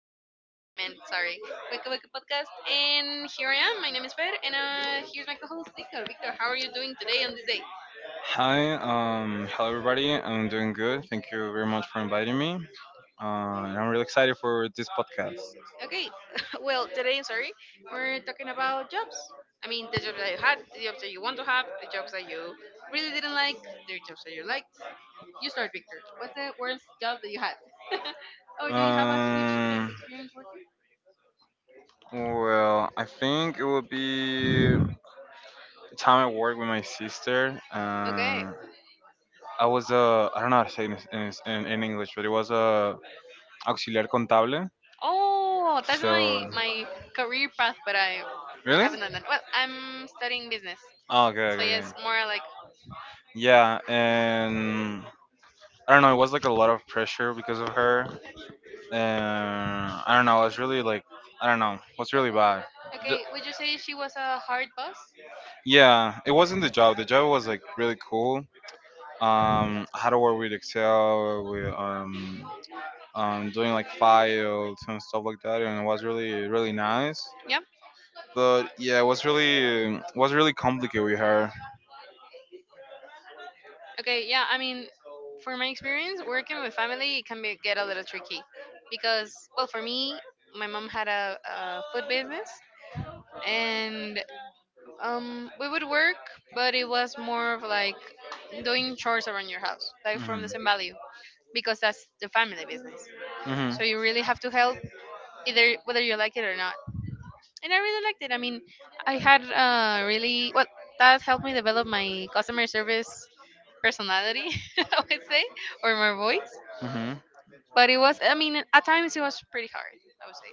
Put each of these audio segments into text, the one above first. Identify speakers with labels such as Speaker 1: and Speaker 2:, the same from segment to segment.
Speaker 1: Pod- Waka Waka man, sorry, Waka Waka podcast. And here I am. My name is Fer, and here's my co-host Victor. Victor, how are you doing today on this day?
Speaker 2: Hi, hello everybody. I'm doing good. Thank you very much for inviting me. And I'm really excited for this podcast.
Speaker 1: Okay, well today, sorry, we're talking about jobs. I mean, the jobs that you had, the jobs that you want to have, the jobs that you really didn't like, the jobs that you liked. You start, Victor. What's the worst job that you had? or do you have a huge
Speaker 2: Um,
Speaker 1: experience working?
Speaker 2: well, I think it would be time I worked with my sister.
Speaker 1: Okay.
Speaker 2: I was a, I don't know how to say this in English, but it was a auxiliar contable.
Speaker 1: Oh, that's my
Speaker 2: So,
Speaker 1: my career path, but I
Speaker 2: really?
Speaker 1: haven't done that. Well, I'm studying business,
Speaker 2: Oh, okay,
Speaker 1: so
Speaker 2: okay, okay.
Speaker 1: yes, more like
Speaker 2: Yeah, and I don't know. It was like a lot of pressure because of her. And I don't know. I was really like, I don't know. What's really bad? Ju-
Speaker 1: okay. Would you say she was a hard boss?
Speaker 2: Yeah, it wasn't the job. The job was like really cool. How to work with Excel, with doing like files and stuff like that, and it was really nice.
Speaker 1: Yep.
Speaker 2: But yeah, it was really complicated with her.
Speaker 1: Okay. Yeah. I mean, for my experience working with family, it can be get a little tricky, because well, for me, my mom had a food business, and we would work, but it was more of like doing chores around your house, like from the
Speaker 2: Mhm.
Speaker 1: same value, because that's the family business.
Speaker 2: Mhm.
Speaker 1: So you really have to help either whether you like it or not. And I really liked it. I mean, I had really well, that helped me develop my customer service personality, I would say, or my voice.
Speaker 2: Mhm.
Speaker 1: But it was, I mean, at times it was pretty hard, I would say,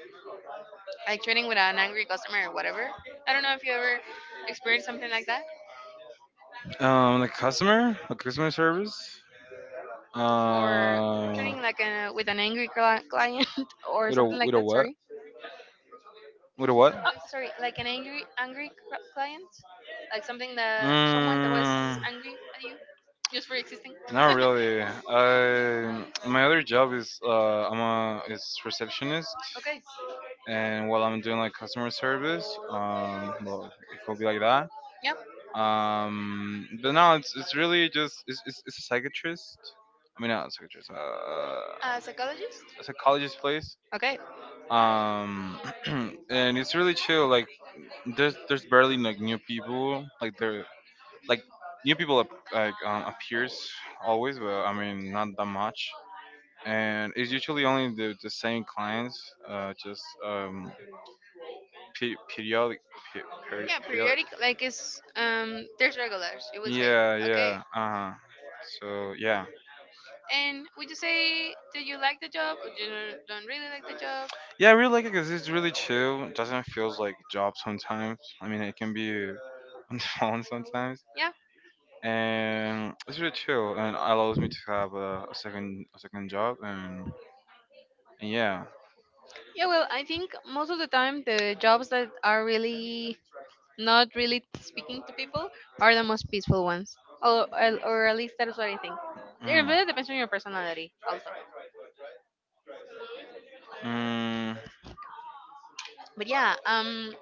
Speaker 1: like training with an angry customer or whatever. I don't know if you ever experienced something like that.
Speaker 2: A customer service.
Speaker 1: Or
Speaker 2: Uh,
Speaker 1: training like a, with an angry client, or
Speaker 2: with a
Speaker 1: something like
Speaker 2: with a
Speaker 1: that,
Speaker 2: what?
Speaker 1: sorry.
Speaker 2: With a what?
Speaker 1: Oh, sorry, like an angry angry client, like something that someone that was
Speaker 2: Mm,
Speaker 1: angry at you just for existing.
Speaker 2: Not really. I My other job is I'm a is receptionist,
Speaker 1: Okay.
Speaker 2: and while I'm doing like customer service, well, it could be like that.
Speaker 1: Yep.
Speaker 2: But no, it's really just it's a psychiatrist. I mean, not a psychiatrist.
Speaker 1: A psychologist.
Speaker 2: It's a college's place.
Speaker 1: Okay.
Speaker 2: Um, and it's really chill. Like there's barely like new people. Like there like new people like appears always, but I mean not that much. And it's usually only the same clients. Just pe- periodic pe-
Speaker 1: Yeah,
Speaker 2: periodic.
Speaker 1: periodic like it's there's regulars. You would say
Speaker 2: Yeah,
Speaker 1: okay.
Speaker 2: yeah. Uh huh. So yeah,
Speaker 1: And would you say do you like the job or do you don't really like the job?
Speaker 2: yeah. I really like it because it's really chill. It doesn't feels like job sometimes. I mean, it can be on the phone sometimes,
Speaker 1: Yeah.
Speaker 2: and it's really chill and allows me to have a second job, and yeah.
Speaker 1: Yeah. Well, I think most of the time the jobs that are really not really speaking to people are the most peaceful ones, or at least that's what I think. It really
Speaker 2: Mm.
Speaker 1: depends on your personality also.
Speaker 2: Mm,
Speaker 1: But yeah, um,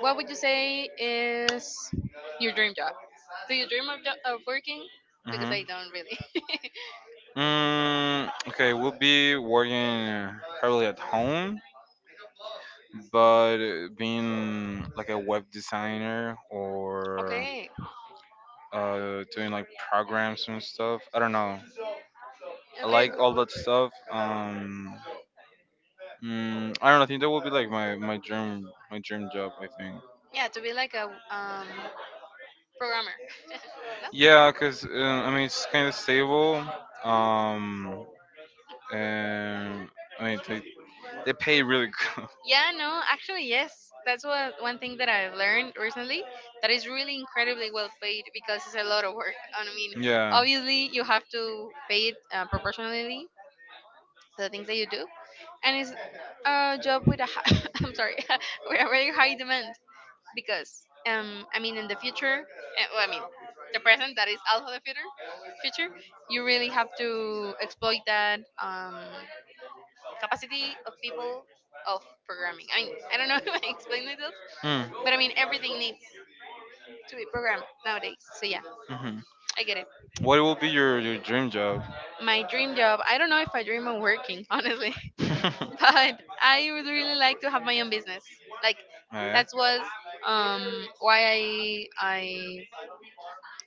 Speaker 1: what would you say is your dream job? Do you dream of, of working? Because I
Speaker 2: mm-hmm.
Speaker 1: don't really
Speaker 2: Okay, we'll be working probably at home, but being like a web designer, or
Speaker 1: okay
Speaker 2: doing like programs and stuff. I don't know. I
Speaker 1: okay
Speaker 2: like all
Speaker 1: okay.
Speaker 2: that stuff. I don't know. I think that would be like my dream job, I think.
Speaker 1: Yeah, to be like a um programmer. No.
Speaker 2: Yeah, cause I mean it's kind of stable. Um, and I mean they pay really good.
Speaker 1: Yeah, no, actually, yes. That's what one thing that I've learned recently, that is really incredibly well paid because it's a lot of work. And I mean,
Speaker 2: Yeah.
Speaker 1: obviously, you have to pay it proportionally to the things that you do, and it's a job with a I'm sorry, with a very high demand because I mean, in the future, well, I mean, the present that is also the future, future, you really have to exploit that. Capacity of people of programming. I mean, I don't know, if I explained myself,
Speaker 2: Mm,
Speaker 1: but
Speaker 2: hmm.
Speaker 1: I mean, everything needs to be programmed nowadays. So yeah,
Speaker 2: Mm-hmm.
Speaker 1: I get it.
Speaker 2: What will be your dream job?
Speaker 1: My dream job, I don't know if I dream of working, honestly, but I would really like to have my own business. Like,
Speaker 2: Yeah.
Speaker 1: that was why I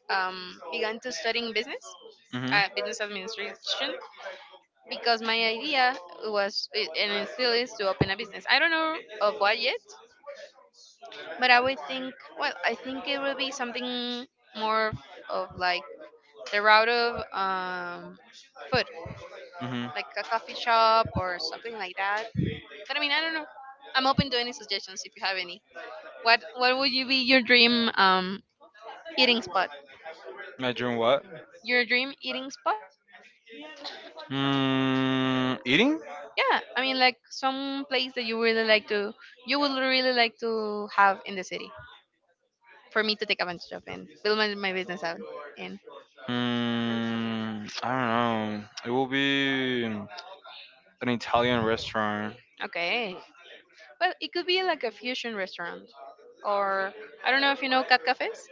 Speaker 1: um began to studying business,
Speaker 2: Hmm.
Speaker 1: business administration, because my idea was, and it still is, to open a business. I don't know of what yet. But I would think, well, I think it would be something more of like the route of um food,
Speaker 2: Hmm.
Speaker 1: like a coffee shop or something like that. But I mean, I don't know. I'm open to any suggestions if you have any. What would you be your dream um eating spot?
Speaker 2: My dream what?
Speaker 1: Your dream eating spot?
Speaker 2: Eating?
Speaker 1: Yeah, I mean, like some place that you really like to, you would really like to have in the city for me to take advantage of and build my business out in.
Speaker 2: I don't know. It will be an Italian restaurant.
Speaker 1: Okay, well, it could be like a fusion restaurant, or I don't know if you know cat cafes.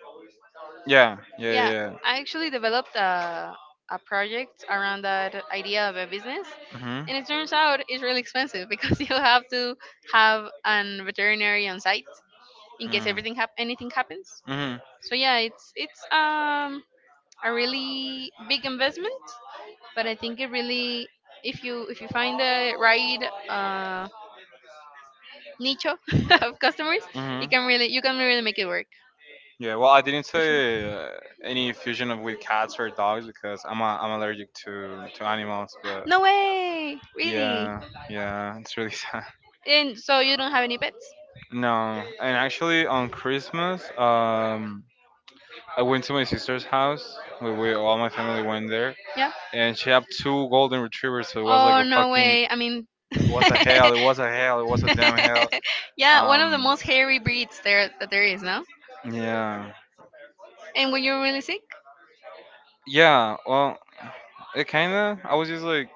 Speaker 2: Yeah, yeah,
Speaker 1: Yeah,
Speaker 2: yeah.
Speaker 1: I actually developed a project around that idea of a business,
Speaker 2: Mm-hmm.
Speaker 1: and it turns out it's really expensive because you have to have an veterinary on site in case
Speaker 2: Mm.
Speaker 1: everything anything happens.
Speaker 2: Hmm.
Speaker 1: So yeah, it's a really big investment, but I think it really, if you find the right uh nicho of customers,
Speaker 2: Hmm.
Speaker 1: you can really make it work.
Speaker 2: Yeah, well, I didn't
Speaker 1: For sure.
Speaker 2: say any fusion of with cats or dogs because I'm allergic to animals. But
Speaker 1: No way, really.
Speaker 2: yeah, yeah, it's really sad.
Speaker 1: And so you don't have any pets?
Speaker 2: No, and actually on Christmas, I went to my sister's house. We all my family went there,
Speaker 1: Yeah.
Speaker 2: and she had two golden retrievers. So it was like
Speaker 1: Oh
Speaker 2: a
Speaker 1: no
Speaker 2: fucking,
Speaker 1: way. I mean,
Speaker 2: it was a hell. It was a hell. It was a damn hell.
Speaker 1: yeah, one of the
Speaker 2: Um,
Speaker 1: most hairy breeds there that there is, no?
Speaker 2: yeah.
Speaker 1: And when you were really sick,
Speaker 2: Yeah, well, it kind of. I was just like,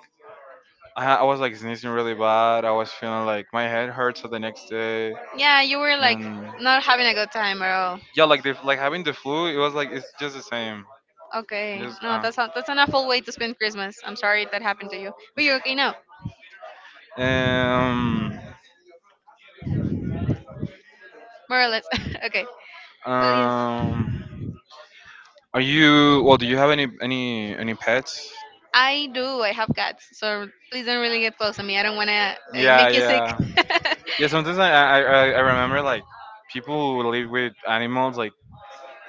Speaker 2: I was like sneezing really bad. I was feeling like my head hurts the next day,
Speaker 1: yeah, you were like
Speaker 2: and
Speaker 1: not having a good time at all.
Speaker 2: yeah, like having the flu. It was like it's just the same.
Speaker 1: Okay,
Speaker 2: Just
Speaker 1: no, that's not that's an awful way to spend Christmas. I'm sorry that happened to you, but you're okay now,
Speaker 2: um
Speaker 1: more or less. Okay, well, yes,
Speaker 2: um. Are you well? Do you have any pets?
Speaker 1: I do. I have cats, so please don't really get close to me. I don't wanna
Speaker 2: Yeah,
Speaker 1: make you sick.
Speaker 2: yeah, yeah. Sometimes I remember like people who live with animals like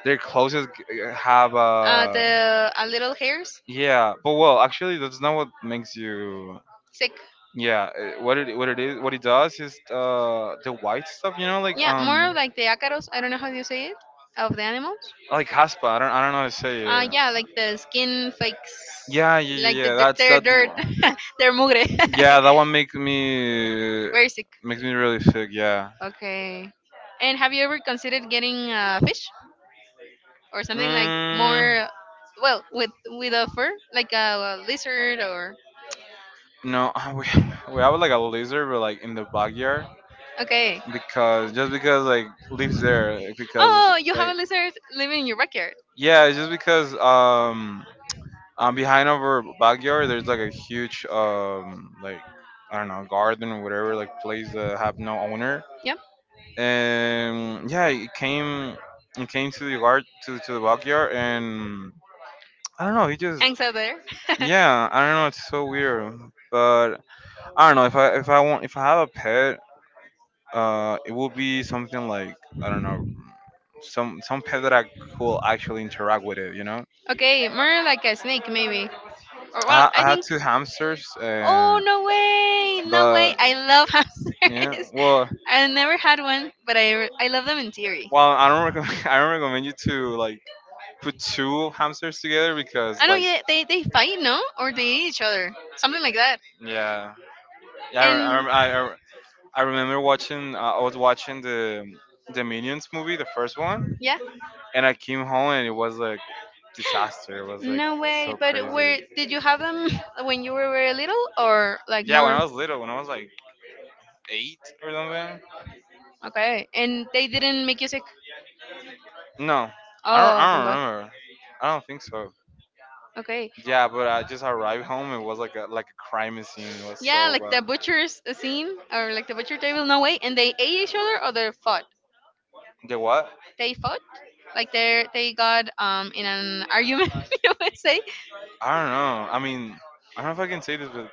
Speaker 2: their closest have a.
Speaker 1: The little hairs.
Speaker 2: Yeah, but well, actually, that's not what makes you.
Speaker 1: Sick.
Speaker 2: Yeah, what it is what it does is the white stuff,
Speaker 1: Yeah, more of like the acaros. I don't know how you say it of the animals.
Speaker 2: like haspa. I don't know how to say it.
Speaker 1: Yeah, like the skin flakes,
Speaker 2: Yeah, yeah, yeah,
Speaker 1: like the
Speaker 2: yeah. That's
Speaker 1: their
Speaker 2: that.
Speaker 1: dirt, their mugre.
Speaker 2: Yeah, that one makes me
Speaker 1: Very sick.
Speaker 2: really sick. Yeah.
Speaker 1: Okay. And have you ever considered getting a fish or something like
Speaker 2: Mm,
Speaker 1: more, well, with a fur, like a, lizard or?
Speaker 2: no, we have like a lizard, but like in the backyard
Speaker 1: Okay.
Speaker 2: because just because like lives there like, because
Speaker 1: Oh, you have
Speaker 2: like
Speaker 1: a lizard living in your backyard.
Speaker 2: yeah, it's just because behind our backyard, there's like a huge like I don't know garden or whatever like place that have no owner.
Speaker 1: Yep,
Speaker 2: And yeah, it came to the yard to the backyard, and I don't know. He just
Speaker 1: hangs out there.
Speaker 2: yeah, I don't know. It's so weird, but I don't know if I want if I have a pet, it will be something like I don't know some pet that I could actually interact with it. You know,
Speaker 1: Okay, more like a snake maybe. Or well,
Speaker 2: I
Speaker 1: I
Speaker 2: have
Speaker 1: think.
Speaker 2: two hamsters,
Speaker 1: Oh
Speaker 2: and
Speaker 1: no way! No way!
Speaker 2: but
Speaker 1: I love
Speaker 2: yeah,
Speaker 1: hamsters.
Speaker 2: well.
Speaker 1: I never had one, but I love them in theory.
Speaker 2: Well, I don't recommend. I don't recommend you to like put two hamsters together because
Speaker 1: I know.
Speaker 2: like
Speaker 1: Yeah, they fight, no, or they eat each other, something like that.
Speaker 2: yeah, yeah. I re- I, rem-
Speaker 1: And
Speaker 2: I remember watching. I was watching the Minions movie, the first one,
Speaker 1: yeah,
Speaker 2: and I came home and it was like disaster. It was like
Speaker 1: no way.
Speaker 2: so
Speaker 1: But where
Speaker 2: crazy.
Speaker 1: did you have them when you were very little, or like
Speaker 2: Yeah, when
Speaker 1: more?
Speaker 2: I was little, when I was like 8 or something.
Speaker 1: Okay, and they didn't make you sick.
Speaker 2: No, I don't.
Speaker 1: Oh,
Speaker 2: I
Speaker 1: thank
Speaker 2: don't
Speaker 1: God.
Speaker 2: remember. I don't think so.
Speaker 1: Okay,
Speaker 2: Yeah, but I just arrived home. It was like a crime scene. It was
Speaker 1: yeah,
Speaker 2: so
Speaker 1: like the
Speaker 2: bad.
Speaker 1: butcher's scene or like the butcher table. No way, and they ate each other or they fought.
Speaker 2: The what?
Speaker 1: They fought, like they got in an argument, you would say.
Speaker 2: I don't know. I mean, I don't know if I can say this, but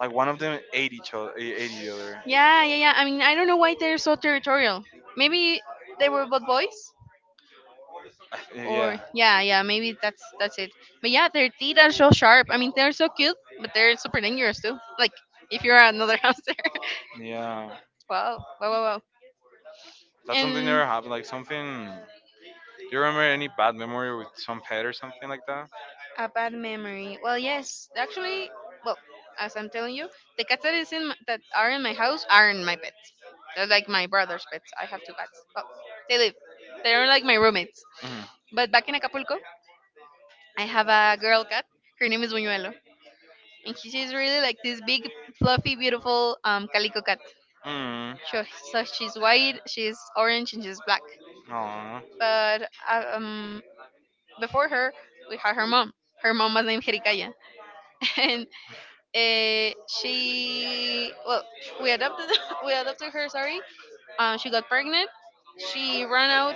Speaker 2: like one of them ate each other, ate the other.
Speaker 1: Yeah, yeah, yeah, I mean, I don't know why they're so territorial. Maybe they were both boys, or
Speaker 2: Yeah,
Speaker 1: yeah, yeah, maybe that's it. But yeah, their teeth are so sharp. I mean, they're so cute but they're super dangerous too, like if you're another hamster.
Speaker 2: yeah.
Speaker 1: Wow, wow, wow, wow.
Speaker 2: That's something
Speaker 1: And
Speaker 2: never happened. Like something. Do you remember any bad memory with some pet or something like that?
Speaker 1: a bad memory. Well, yes, actually, well, as I'm telling you, the cats that is in my, that are in my house aren't my pets. They're like my brother's pets. I have two cats. Well, they live. They're like my roommates.
Speaker 2: Mm.
Speaker 1: But back in Acapulco, I have a girl cat. Her name is Buñuelo, and she's really like this big, fluffy, beautiful calico cat.
Speaker 2: Mm.
Speaker 1: Sure. So she's white, she's orange, and she's black.
Speaker 2: Oh
Speaker 1: But before her, we had her mom. Her mom was named Jericaya, she well, we adopted we adopted her. Sorry, she got pregnant. She ran out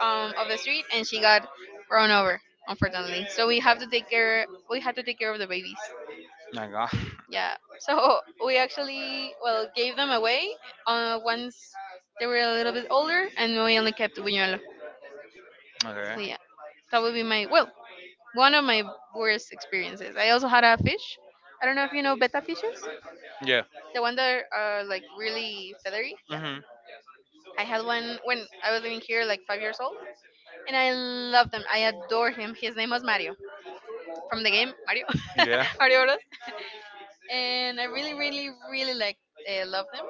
Speaker 1: um of the street and she got run over. Unfortunately, so we have to take care. We had to take care of the babies.
Speaker 2: my god.
Speaker 1: Yeah. So we actually well gave them away once they were a little bit older, and we only kept Buñuelo. So yeah, that would be my well one of my worst experiences. I also had a fish. I don't know if you know betta fishes.
Speaker 2: Okay. Yeah.
Speaker 1: The one that are like really feathery. Yeah.
Speaker 2: Hmm.
Speaker 1: I had one when I was living here, like 5 years old, and I love them. I adore him. His name was Mario from the game Mario,
Speaker 2: Yeah.
Speaker 1: Mario Bros. And I really, really, really like love them.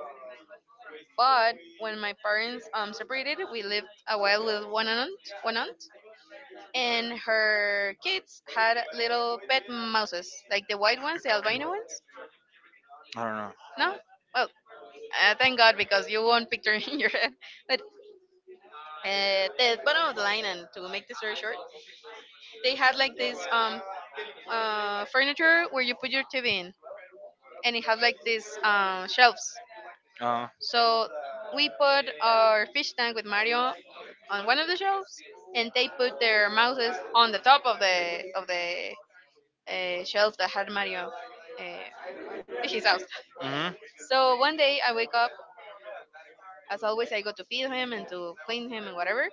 Speaker 1: But when my parents separated, we lived a while with one aunt, and her kids had little pet mouses, like the white ones, the albino ones.
Speaker 2: I don't know.
Speaker 1: No, well, thank God because you won't picture in your head. But the bottom of the line, and to make the story short, they had like this furniture where you put your TV in, and it has like these shelves.
Speaker 2: Uh,
Speaker 1: So we put our fish tank with Mario on one of the shelves, and they put their mouses on the top of the shelf that had Mario, uh, his house.
Speaker 2: mm-hmm.
Speaker 1: So one day I wake up. As always, I go to feed him and to clean him and whatever,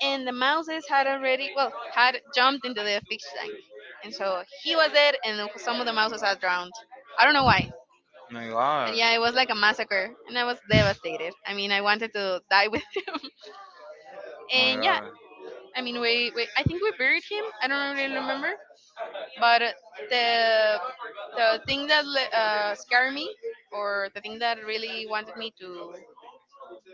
Speaker 1: and the mouses had already, well, had jumped into the fish tank, and so he was dead and some of the mouses had drowned. I don't know why.
Speaker 2: Oh my
Speaker 1: But
Speaker 2: God.
Speaker 1: yeah, it was like a massacre and I was devastated. I mean, I wanted to die with him.
Speaker 2: Oh my
Speaker 1: And yeah,
Speaker 2: God.
Speaker 1: I mean, we I think we buried him. I don't really remember, but the the thing that scared me, or the thing that really wanted me to,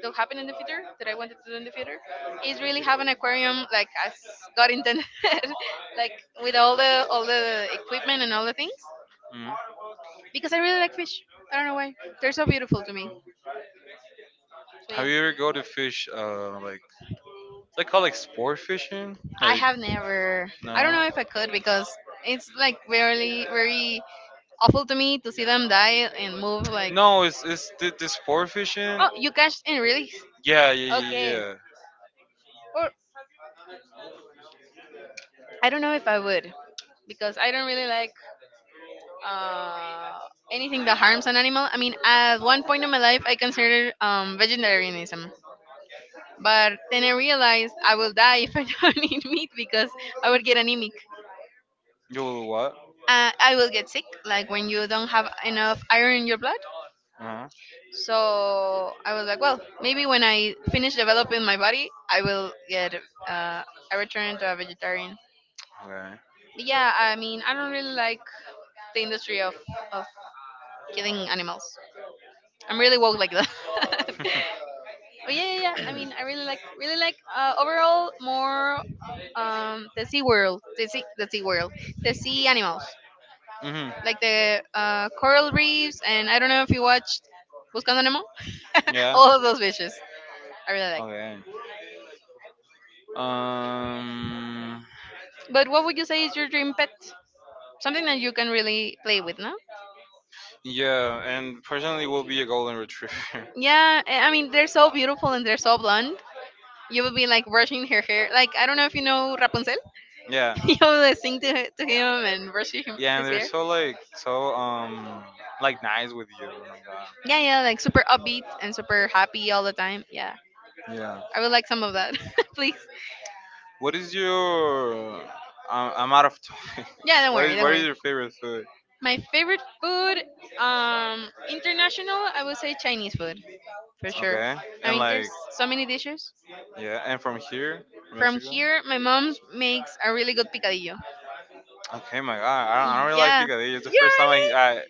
Speaker 1: that happened in the future, that I wanted to do in the future, is really have an aquarium, like, as God intended, like, with all the equipment and all the things,
Speaker 2: Mhm.
Speaker 1: because I really like fish. I don't know why, they're so beautiful to me. So
Speaker 2: Have
Speaker 1: yeah,
Speaker 2: you ever go to fish? Like it's like called like sport fishing.
Speaker 1: I
Speaker 2: Like
Speaker 1: have never. I don't
Speaker 2: no,
Speaker 1: know if I could, because it's like very, very awful to me to see them die and move, like,
Speaker 2: no, it's the sport fishing.
Speaker 1: oh, you catch and release.
Speaker 2: Yeah, yeah, yeah,
Speaker 1: Okay.
Speaker 2: yeah.
Speaker 1: Or I don't know if I would, because I don't really like uh, anything that harms an animal. I mean, at one point in my life, I considered vegetarianism, but then I realized I will die if I don't eat meat because I would get anemic.
Speaker 2: You what?
Speaker 1: I will get sick, like when you don't have enough iron in your blood.
Speaker 2: Uh-huh.
Speaker 1: So I was like, well, maybe when I finish developing my body, I will get uh, I return to a vegetarian.
Speaker 2: Okay.
Speaker 1: But yeah, I mean, I don't really like the industry of of killing animals. I'm really woke like that. Oh, yeah, yeah, yeah. I mean, I really like, really like. Overall, more the sea world, the sea world, the sea animals,
Speaker 2: Hmm.
Speaker 1: like the coral reefs, and I don't know if you watched Buscando Nemo.
Speaker 2: Yeah.
Speaker 1: All of those fishes, I really like.
Speaker 2: Okay. Um.
Speaker 1: But what would you say is your dream pet? Something that you can really play with, no?
Speaker 2: Yeah, and personally, will be a golden retriever.
Speaker 1: Yeah, I mean, they're so beautiful and they're so blonde. You will be like brushing her hair. Like, I don't know if you know Rapunzel.
Speaker 2: Yeah.
Speaker 1: You will sing to him and brushing him,
Speaker 2: Yeah, and
Speaker 1: his
Speaker 2: they're
Speaker 1: hair.
Speaker 2: so like nice with you. Oh my god.
Speaker 1: Yeah, yeah, like super upbeat and super happy all the time. Yeah,
Speaker 2: Yeah.
Speaker 1: I would like some of that, please.
Speaker 2: What is your? I'm out of time.
Speaker 1: Yeah, don't
Speaker 2: what
Speaker 1: worry,
Speaker 2: is
Speaker 1: don't
Speaker 2: what is
Speaker 1: worry.
Speaker 2: your favorite food?
Speaker 1: My favorite food, international, I would say Chinese food, for sure.
Speaker 2: Okay,
Speaker 1: I
Speaker 2: and
Speaker 1: mean,
Speaker 2: like
Speaker 1: there's so many dishes.
Speaker 2: yeah, and from here, from
Speaker 1: From
Speaker 2: Mexico.
Speaker 1: here, my mom makes a really good picadillo.
Speaker 2: Okay, my God, I don't really like
Speaker 1: Yeah.
Speaker 2: picadillo. It's the
Speaker 1: You
Speaker 2: first time I,
Speaker 1: really?
Speaker 2: I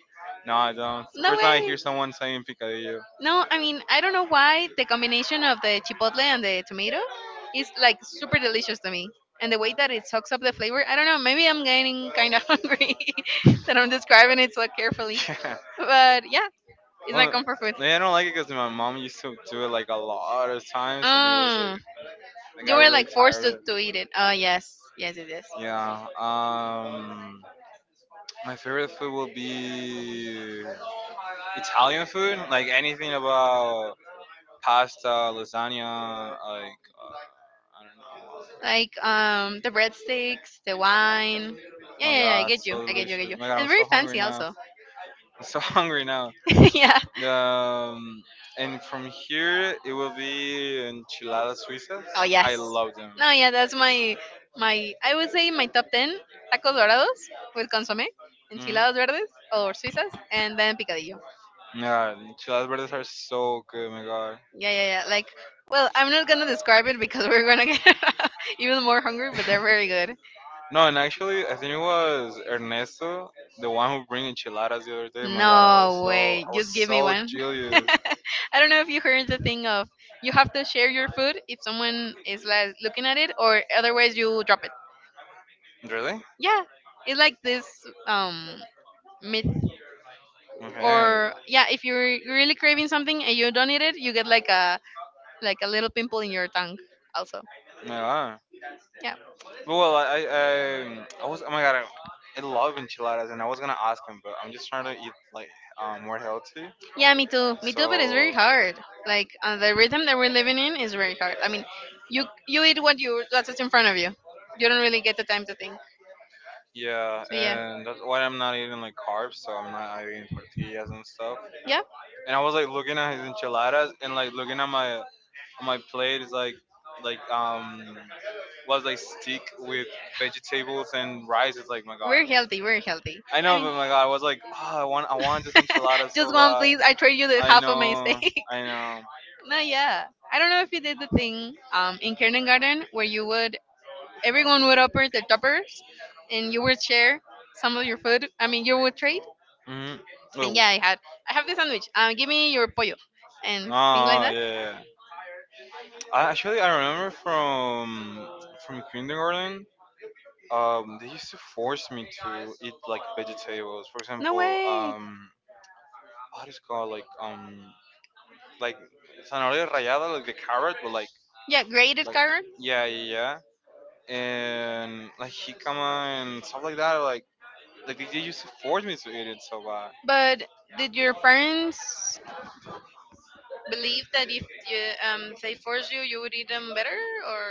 Speaker 2: no, I don't. It's the
Speaker 1: No
Speaker 2: first time I
Speaker 1: way.
Speaker 2: hear someone saying picadillo.
Speaker 1: No, I mean, I don't know why the combination of the chipotle and the tomato is like super delicious to me. And the way that it soaks up the flavor, I don't know, maybe I'm getting kind of hungry that I'm describing it so carefully.
Speaker 2: Yeah.
Speaker 1: But yeah, it's my
Speaker 2: Well,
Speaker 1: comfort food.
Speaker 2: like, I don't like it because my mom used to do it like a lot of times, and it was like
Speaker 1: Mm,
Speaker 2: I
Speaker 1: you
Speaker 2: got
Speaker 1: were
Speaker 2: really
Speaker 1: like forced
Speaker 2: tired of
Speaker 1: to,
Speaker 2: it.
Speaker 1: to eat it. Oh, yes. Yes, yes, yes.
Speaker 2: Yeah. My favorite food will be Italian food, like anything about pasta, lasagna, like I don't know.
Speaker 1: Like, the breadsticks, the wine.
Speaker 2: Oh
Speaker 1: Yeah,
Speaker 2: my
Speaker 1: yeah, yeah, I
Speaker 2: god,
Speaker 1: get you.
Speaker 2: so
Speaker 1: I get you, I
Speaker 2: delicious!
Speaker 1: get
Speaker 2: Oh
Speaker 1: you.
Speaker 2: my god, I'm
Speaker 1: And very
Speaker 2: so hungry
Speaker 1: fancy
Speaker 2: now.
Speaker 1: also.
Speaker 2: I'm so hungry now.
Speaker 1: Yeah.
Speaker 2: Um, and from here it will be enchiladas suizas.
Speaker 1: Oh,
Speaker 2: I
Speaker 1: yes.
Speaker 2: love them.
Speaker 1: No, yeah, that's my I would say my top ten tacos dorados with consomé,
Speaker 2: Hmm.
Speaker 1: enchiladas verdes or suizas, and then picadillo.
Speaker 2: Yeah, enchiladas verdes are so good. My God.
Speaker 1: Yeah, yeah, yeah. Like, well, I'm not gonna describe it because we're gonna get even more hungry, but they're very good.
Speaker 2: No, and actually, I think it was Ernesto, the one who bring enchiladas the other day. My God, I was
Speaker 1: No
Speaker 2: so
Speaker 1: way,
Speaker 2: I was
Speaker 1: just give me
Speaker 2: so
Speaker 1: one.
Speaker 2: jealous.
Speaker 1: I don't know if you heard the thing of, you have to share your food if someone is like looking at it, or otherwise you drop it.
Speaker 2: Really?
Speaker 1: Yeah, it's like this um myth.
Speaker 2: Okay.
Speaker 1: Or yeah, if you're really craving something and you don't eat it, you get like a little pimple in your tongue also.
Speaker 2: Yeah.
Speaker 1: Yeah,
Speaker 2: Well, I was oh my god, I love enchiladas, and I was gonna ask him, but I'm just trying to eat like more healthy.
Speaker 1: yeah, me too, me too, but it's very
Speaker 2: So
Speaker 1: hard. Like, the rhythm that we're living in is very hard. I mean, you eat what you, that's what's in front of you. You don't really get the time to think.
Speaker 2: yeah,
Speaker 1: So yeah,
Speaker 2: and that's why I'm not eating like carbs. So I'm not eating tortillas and stuff.
Speaker 1: yeah,
Speaker 2: And I was like looking at his enchiladas and like looking at my on my plate is like was like steak with vegetables and rice. It's like my god.
Speaker 1: we're healthy, we're healthy.
Speaker 2: I
Speaker 1: I
Speaker 2: know,
Speaker 1: mean,
Speaker 2: but my god, I was like, oh, I want this enchilada
Speaker 1: just
Speaker 2: so
Speaker 1: one
Speaker 2: bad.
Speaker 1: please, I trade you the
Speaker 2: I
Speaker 1: half of my
Speaker 2: know,
Speaker 1: steak.
Speaker 2: I know.
Speaker 1: No, yeah, I don't know if you did the thing, in kindergarten, where you would, everyone would open the toppers, and you would share some of your food. I mean, you would trade.
Speaker 2: Hmm.
Speaker 1: And
Speaker 2: Oh,
Speaker 1: yeah, I have this sandwich. Give me your pollo, and things like
Speaker 2: ah,
Speaker 1: that.
Speaker 2: yeah. Yeah. Yeah. Actually, I remember from kindergarten. They used to force me to eat like vegetables. For
Speaker 1: No
Speaker 2: example,
Speaker 1: way.
Speaker 2: what is it called like zanahoria rallada, like the carrot, but like
Speaker 1: Yeah, graded carrot.
Speaker 2: yeah, yeah, yeah, and like jicama and stuff like that. Like they used to force me to eat it. So
Speaker 1: But did your parents believe that if you, they force you, you would eat them better, or,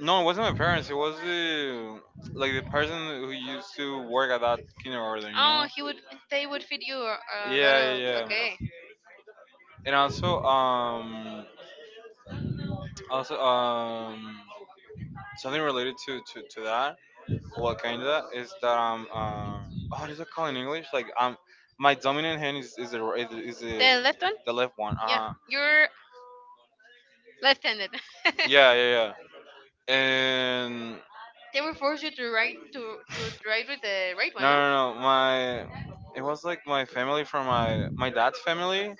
Speaker 2: no, it wasn't my parents. It was the like the person who used to work at that kindergarten. You
Speaker 1: oh,
Speaker 2: know.
Speaker 1: he would they would feed you a lot
Speaker 2: Yeah, yeah,
Speaker 1: of.
Speaker 2: yeah.
Speaker 1: Okay.
Speaker 2: And also, something related to that, well, kinda, is that oh, what is it called in English? Like my dominant hand is
Speaker 1: The left one?
Speaker 2: the left one. Uh
Speaker 1: Yeah,
Speaker 2: huh.
Speaker 1: you're left-handed.
Speaker 2: Yeah, yeah, yeah. And
Speaker 1: They will force you to write to write with the right
Speaker 2: no,
Speaker 1: one, no?
Speaker 2: no, no. my. It was like my family from my dad's family.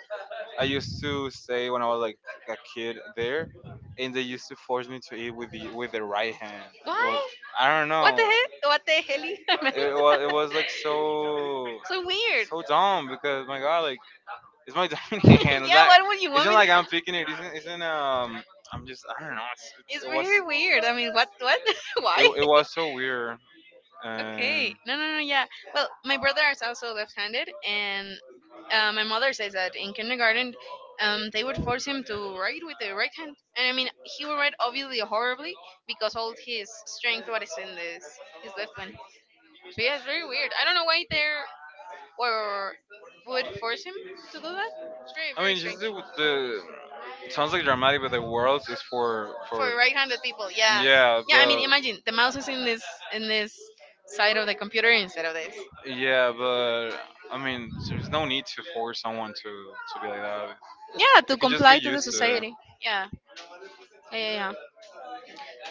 Speaker 2: I used to stay when I was like a kid there, and they used to force me to eat with the right hand. It was
Speaker 1: Why?
Speaker 2: I don't
Speaker 1: What the
Speaker 2: know.
Speaker 1: hell? What the hell? I meant.
Speaker 2: It was like so
Speaker 1: So weird.
Speaker 2: so dumb because my god, like it's my dominant hand. It's
Speaker 1: Yeah,
Speaker 2: not
Speaker 1: what would you
Speaker 2: it's
Speaker 1: want
Speaker 2: not
Speaker 1: me? To?
Speaker 2: like I'm picking it. Isn't isn't. I'm just I don't know. It's, it's,
Speaker 1: It's
Speaker 2: it was
Speaker 1: very weird. I mean, what? What?
Speaker 2: it,
Speaker 1: Why?
Speaker 2: it was so weird.
Speaker 1: Okay.
Speaker 2: Um,
Speaker 1: No, no, no. Yeah. Well, my brother is also left-handed, and my mother says that in kindergarten, they would force him to write with the right hand, and I mean, he would write obviously horribly because all his strength what is in this his left one. So yeah, it's very weird. I don't know why they're or would force him to do that. It's very,
Speaker 2: I
Speaker 1: very
Speaker 2: mean, just
Speaker 1: strange,
Speaker 2: the it sounds like dramatic, but the world is for
Speaker 1: for
Speaker 2: for
Speaker 1: right-handed people. Yeah.
Speaker 2: yeah,
Speaker 1: Yeah. I mean, imagine the mouse is in this side of the computer instead of this.
Speaker 2: but I mean, there's no need to force someone to be like that. Yeah,
Speaker 1: Yeah,
Speaker 2: you
Speaker 1: to
Speaker 2: can just
Speaker 1: comply
Speaker 2: get
Speaker 1: to the
Speaker 2: used to it.
Speaker 1: society. Yeah. Yeah, yeah, yeah.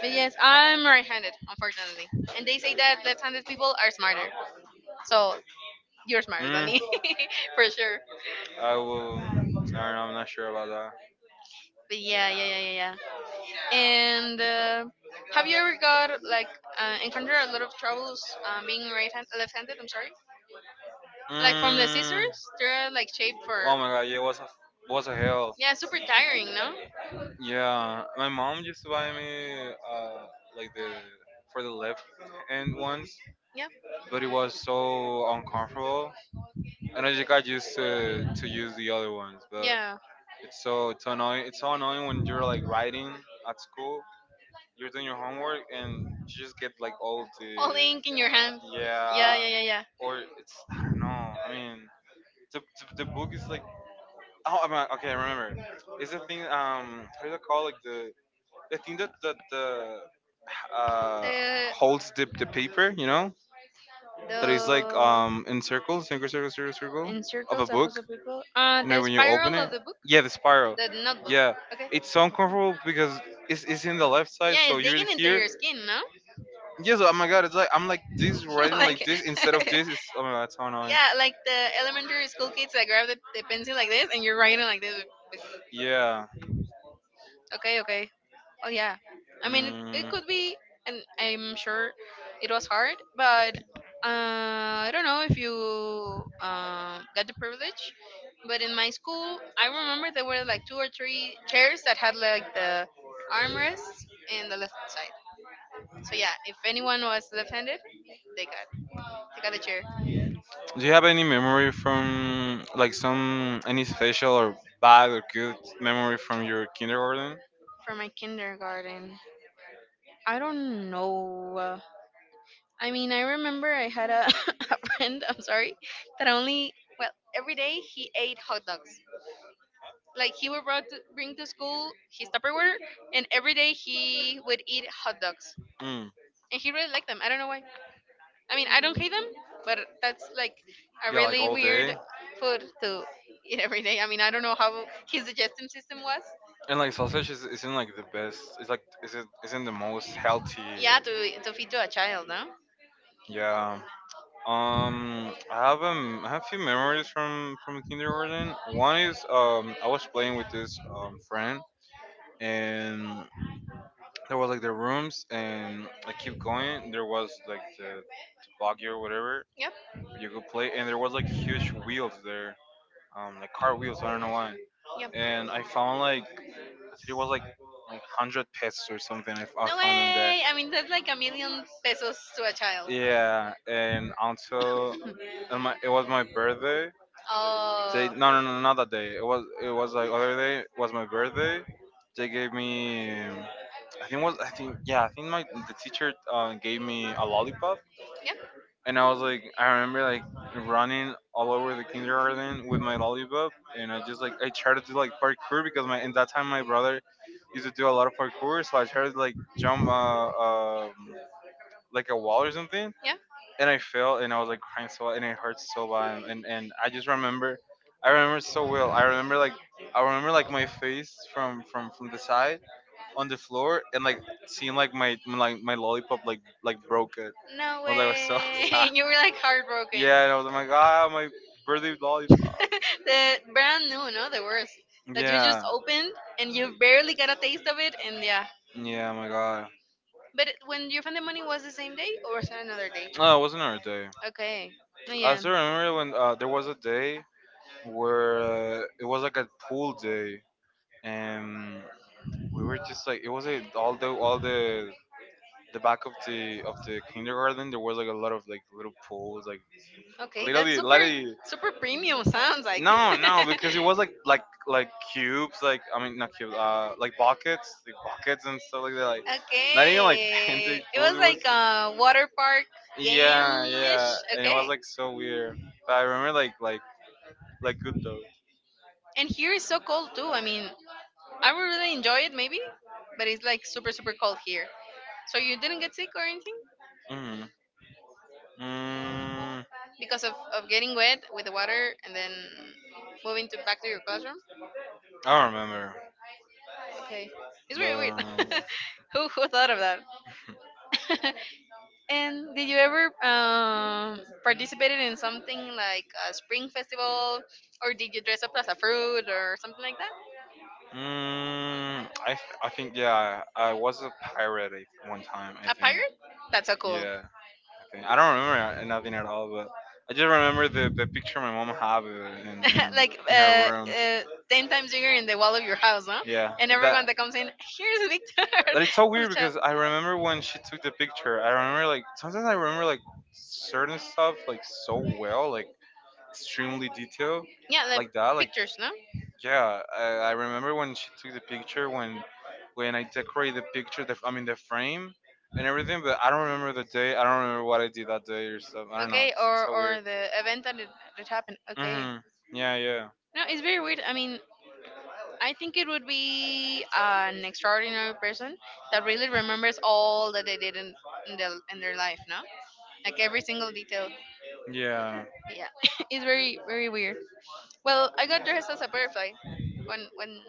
Speaker 1: But yes, I'm right-handed, unfortunately. And they say that left-handed people are smarter. So you're smarter than
Speaker 2: Mm,
Speaker 1: me, for sure.
Speaker 2: I will. I don't know. I'm not sure about that.
Speaker 1: But yeah, yeah, yeah, yeah, yeah. And have you ever got like encountered a lot of troubles being right-handed, left-handed? I'm sorry. Like from the
Speaker 2: Mm.
Speaker 1: scissors, they're like shaped for,
Speaker 2: Oh my god, yeah, it was a hell.
Speaker 1: yeah, super tiring, no?
Speaker 2: Yeah, my mom used to buy me like the for the left hand ones,
Speaker 1: Yeah,
Speaker 2: but it was so uncomfortable, and I just got used to use the other ones. But
Speaker 1: yeah.
Speaker 2: it's so annoying. It's so annoying when you're like riding at school, you're doing your homework, and you just get like all the
Speaker 1: All the ink in your hand. Yeah,
Speaker 2: yeah.
Speaker 1: yeah, yeah, yeah.
Speaker 2: Or it's I don't know. I mean, the book is like oh I mean, okay I remember. It's the thing how do you call like the thing that the uh
Speaker 1: The
Speaker 2: holds the paper you know that is like
Speaker 1: the
Speaker 2: in circles circle circle circle circle
Speaker 1: in
Speaker 2: of a
Speaker 1: circles that
Speaker 2: book
Speaker 1: also people. Uh,
Speaker 2: you know
Speaker 1: the
Speaker 2: when you open
Speaker 1: spiral of
Speaker 2: it
Speaker 1: the book,
Speaker 2: yeah the spiral
Speaker 1: the notebook.
Speaker 2: yeah
Speaker 1: Okay.
Speaker 2: it's so uncomfortable because it's in the left side
Speaker 1: Yeah,
Speaker 2: so
Speaker 1: it's
Speaker 2: you're
Speaker 1: digging into
Speaker 2: here
Speaker 1: your skin, no?
Speaker 2: yes oh my god it's like I'm like this writing like
Speaker 1: Like,
Speaker 2: this instead of this it's oh my god it's so annoying.
Speaker 1: yeah, like the elementary school kids that grab the pencil like this and you're writing like this.
Speaker 2: Yeah.
Speaker 1: Okay, okay. Oh yeah. I mean, it
Speaker 2: Mm.
Speaker 1: could be, and I'm sure it was hard, but I don't know if you got the privilege. But in my school, I remember there were like two or three chairs that had like the armrests in the left side. So yeah, if anyone was left-handed, they got they got the chair.
Speaker 2: Do you have any memory from like some any special or bad or good memory from your kindergarten?
Speaker 1: For my kindergarten, I don't know. I mean, I remember I had a friend, I'm sorry, that only, well, every day he ate hot dogs. Like he would bring to school his Tupperware, and every day he would eat hot dogs.
Speaker 2: Mm.
Speaker 1: And he really liked them. I don't know why. I mean, I don't hate them, but that's like a
Speaker 2: Yeah, like
Speaker 1: really
Speaker 2: all
Speaker 1: weird
Speaker 2: day.
Speaker 1: food to eat every day. I mean, I don't know how his digestive system was.
Speaker 2: And like sausage is, isn't like the best. It's like isn't the most healthy.
Speaker 1: Yeah, to feed to a child, no?
Speaker 2: Yeah. I have a few memories from kindergarten. One is I was playing with this friend, and there was like the rooms, and I keep going. There was like the buggy or whatever
Speaker 1: Yep.
Speaker 2: where you could play, and there was like huge wheels there, like car wheels. I don't know why.
Speaker 1: Yep.
Speaker 2: And I found like I think it was like hundred pesos or something. I, I
Speaker 1: No
Speaker 2: found them there.
Speaker 1: way! I mean, that's like a million pesos to a child.
Speaker 2: Yeah, and also, and my, it was my birthday. They
Speaker 1: Oh,
Speaker 2: no no no no, not that day. It was like other day. It was my birthday. They gave me I think was I think yeah I think my the teacher gave me a lollipop
Speaker 1: yeah.
Speaker 2: and I was like I remember like running all over the kindergarten with my lollipop and I just like I tried to do like parkour because my in that time my brother used to do a lot of parkour so I tried to like jump like a wall or something
Speaker 1: Yeah.
Speaker 2: and I fell and I was like crying so bad and it hurt so bad and I just remember I remember so well. I remember like my face from the side on the floor and like seeing like my lollipop like broke it.
Speaker 1: No
Speaker 2: I was like so
Speaker 1: way.
Speaker 2: sad.
Speaker 1: And you were like heartbroken.
Speaker 2: Yeah, and I was like my god, my birthday lollipop.
Speaker 1: The brand new, no, the worst. That you just
Speaker 2: Yeah.
Speaker 1: opened and you barely got a taste of it, and yeah.
Speaker 2: Yeah, my god.
Speaker 1: But when you found the money, was the same day or was it another day?
Speaker 2: No, it wasn't our day.
Speaker 1: Okay. No,
Speaker 2: I
Speaker 1: yeah.
Speaker 2: still remember when there was a day where it was like a pool day and we were just like it was a all the the back of the kindergarten there was like a lot of like little pools like
Speaker 1: Okay, that's
Speaker 2: literally
Speaker 1: super,
Speaker 2: literally
Speaker 1: super premium. Sounds like.
Speaker 2: no no because it was like cubes like I mean not cubes like buckets and stuff like that like not even like fancy
Speaker 1: Okay. It
Speaker 2: pools
Speaker 1: was
Speaker 2: it was
Speaker 1: like a water park
Speaker 2: yeah
Speaker 1: game
Speaker 2: yeah
Speaker 1: ish.
Speaker 2: and it was
Speaker 1: Okay.
Speaker 2: like so weird but I remember like good though.
Speaker 1: And here is so cold too. I mean, I would really enjoy it maybe, but it's like super, super cold here. So you didn't get sick or anything
Speaker 2: Mm-hmm. Mm,
Speaker 1: because of getting wet with the water and then moving to back to your classroom?
Speaker 2: I don't remember,
Speaker 1: Okay. It's very weird.
Speaker 2: but
Speaker 1: Who thought of that? And did you ever participated in something like a spring festival, or did you dress up as a fruit or something like that?
Speaker 2: mm, I I think yeah, I was a pirate one time. I
Speaker 1: A
Speaker 2: think
Speaker 1: pirate? That's so cool.
Speaker 2: yeah, I think I don't remember nothing at all, but I just remember the picture my mom had of it
Speaker 1: Like
Speaker 2: in her room.
Speaker 1: 10 times bigger in the wall of your house, huh?
Speaker 2: Yeah,
Speaker 1: And everyone
Speaker 2: that
Speaker 1: that comes in, here's Victor
Speaker 2: that it's so
Speaker 1: as a
Speaker 2: weird
Speaker 1: child.
Speaker 2: because I remember when she took the picture. I remember like sometimes I remember like certain stuff like so well, like extremely detailed,
Speaker 1: Yeah, like
Speaker 2: like that, like.
Speaker 1: pictures, no?
Speaker 2: Yeah, I remember when she took the picture when I decorated the picture, the, I mean the frame and everything, but I don't remember the day. I don't remember what I did that day or stuff. I don't know.
Speaker 1: Okay,
Speaker 2: It's
Speaker 1: or
Speaker 2: so
Speaker 1: or
Speaker 2: weird.
Speaker 1: the event that that happened. Okay.
Speaker 2: Mhm. Yeah, yeah,
Speaker 1: No, it's very weird. I mean, I think it would be an extraordinary person that really remembers all that they did in their life, no? Like every single detail.
Speaker 2: yeah.
Speaker 1: Yeah, it's very, very weird. Well, I got dressed as a butterfly when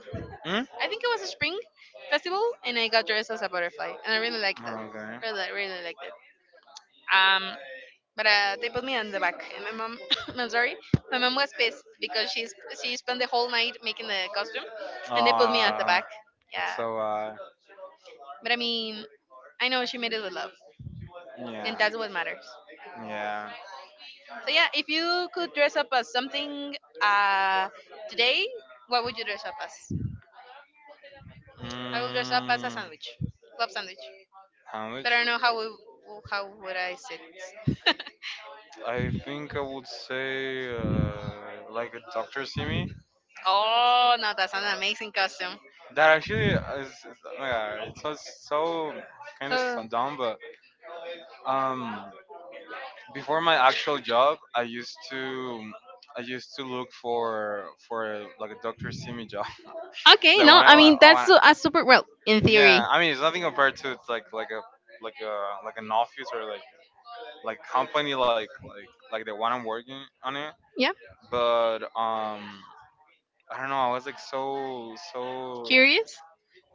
Speaker 2: Hmm.
Speaker 1: I think it was a spring festival, and I got dressed as a butterfly, and I really liked it.
Speaker 2: Okay.
Speaker 1: Really, really liked it. Um, but they put me on the back, and my mom, I'm sorry, my mom was pissed because she spent the whole night making the costume, and they put me at the
Speaker 2: Ah,
Speaker 1: back.
Speaker 2: that's
Speaker 1: Yeah,
Speaker 2: so.
Speaker 1: but I mean, I know she made it with love, and
Speaker 2: Yeah.
Speaker 1: that's what matters.
Speaker 2: Yeah.
Speaker 1: So yeah, if you could dress up as something, uh, today, what would you dress up as? I will dress up as a
Speaker 2: Mm,
Speaker 1: sandwich, love sandwich.
Speaker 2: how much?
Speaker 1: But I don't know how would I sit.
Speaker 2: I think I would say like a Dr. Simi.
Speaker 1: Oh no, that's an amazing costume.
Speaker 2: That actually is oh my god, it's so, so kind
Speaker 1: So
Speaker 2: of dumb. Um, before my actual job, I used to look for like a Dr. Simi job.
Speaker 1: okay,
Speaker 2: That
Speaker 1: no,
Speaker 2: one I
Speaker 1: I
Speaker 2: want,
Speaker 1: mean
Speaker 2: I
Speaker 1: that's
Speaker 2: want.
Speaker 1: a super well in theory.
Speaker 2: Yeah, I mean it's nothing compared to it's like a like a like an office or like company like the one I'm working on it.
Speaker 1: Yeah,
Speaker 2: But I don't know. I was like so so
Speaker 1: curious.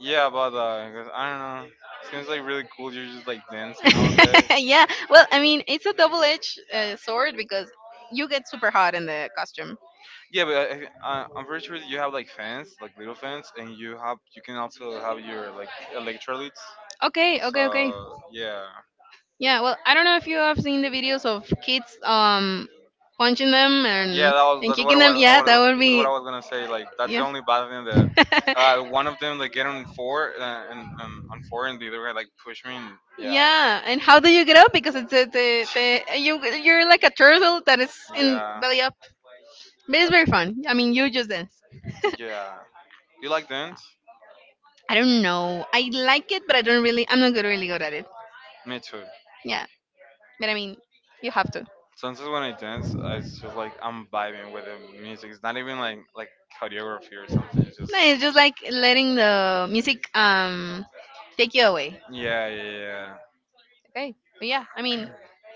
Speaker 2: yeah about that because I don't know. Seems like really cool. You're just like dancing all day.
Speaker 1: Yeah, well, I mean it's a double-edged sword because you get super hot in the costume.
Speaker 2: Yeah, but I, am pretty sure that you have like fans, like little fans, and you have you can also have your like electrolytes.
Speaker 1: Okay, okay, okay.
Speaker 2: So yeah,
Speaker 1: Yeah, well, I don't know if you have seen the videos of kids punching them
Speaker 2: yeah, that was
Speaker 1: and
Speaker 2: that's what
Speaker 1: kicking them.
Speaker 2: I
Speaker 1: Yeah,
Speaker 2: was
Speaker 1: that would
Speaker 2: that's what
Speaker 1: be
Speaker 2: I was gonna say. Like that's the
Speaker 1: yeah.
Speaker 2: only bad thing that one of them like get on four and on four, and the other guy like push me. And, yeah,
Speaker 1: Yeah, and how do you get up? Because it's a, the you you're like a turtle that is in
Speaker 2: yeah,
Speaker 1: belly up. But it's very fun. I mean, you just dance.
Speaker 2: yeah. You like dance?
Speaker 1: I don't know. I like it, but I don't really. I'm not good, really good at it.
Speaker 2: Me too.
Speaker 1: Yeah, but I mean, you have to.
Speaker 2: Sometimes when I dance, I just like I'm vibing with the music. It's not even like choreography or something.
Speaker 1: No, it's just like letting the music take you away.
Speaker 2: Yeah, yeah, yeah,
Speaker 1: Okay, but yeah, I mean,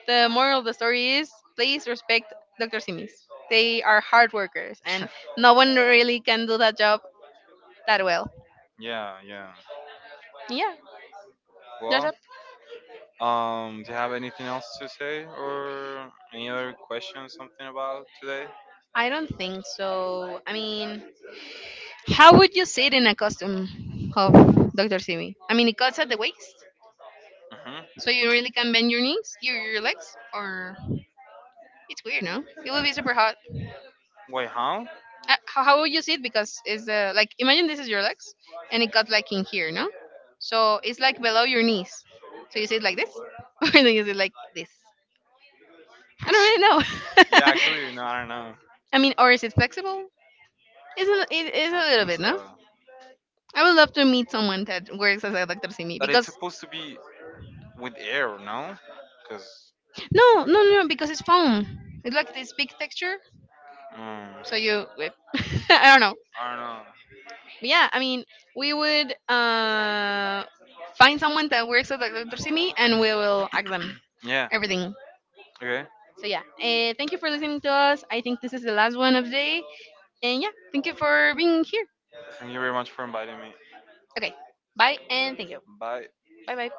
Speaker 1: the moral of the story is please respect Dr. Simis. They are hard workers, and no one really can do that job that well.
Speaker 2: yeah, yeah.
Speaker 1: Yeah, there's
Speaker 2: Well,
Speaker 1: a.
Speaker 2: do you have anything else to say or any other questions, something about today?
Speaker 1: I don't think so. I mean, how would you sit in a costume of Dr. Simi? I mean, it cuts at the waist,
Speaker 2: Hmm.
Speaker 1: so you really can bend your knees, your legs, or it's weird, no? It would be super hot.
Speaker 2: Wait, huh?
Speaker 1: How would you see it? Because it's the, like, imagine this is your legs, and it got like in here, no? So it's like below your knees. So you see it like this, or do you see it like this? I
Speaker 2: Yeah,
Speaker 1: don't really know.
Speaker 2: actually, no, I don't know.
Speaker 1: I mean, or is it flexible? It is a little
Speaker 2: So,
Speaker 1: bit, no? I would love to meet someone that works as a electricity
Speaker 2: but it's
Speaker 1: because
Speaker 2: supposed to be with air, no? Because
Speaker 1: no, no, no, no, because it's foam. It's like this big texture.
Speaker 2: I
Speaker 1: So you, whip. I don't know.
Speaker 2: don't know.
Speaker 1: But yeah, I mean, we would find someone that works at electricity and we will ask them
Speaker 2: Yeah.
Speaker 1: everything.
Speaker 2: Okay.
Speaker 1: So yeah, thank you for listening to us. I think this is the last one of the day, and yeah, thank you for being here.
Speaker 2: Thank you very much for inviting me.
Speaker 1: Okay, bye and thank you.
Speaker 2: Bye.
Speaker 1: Bye bye.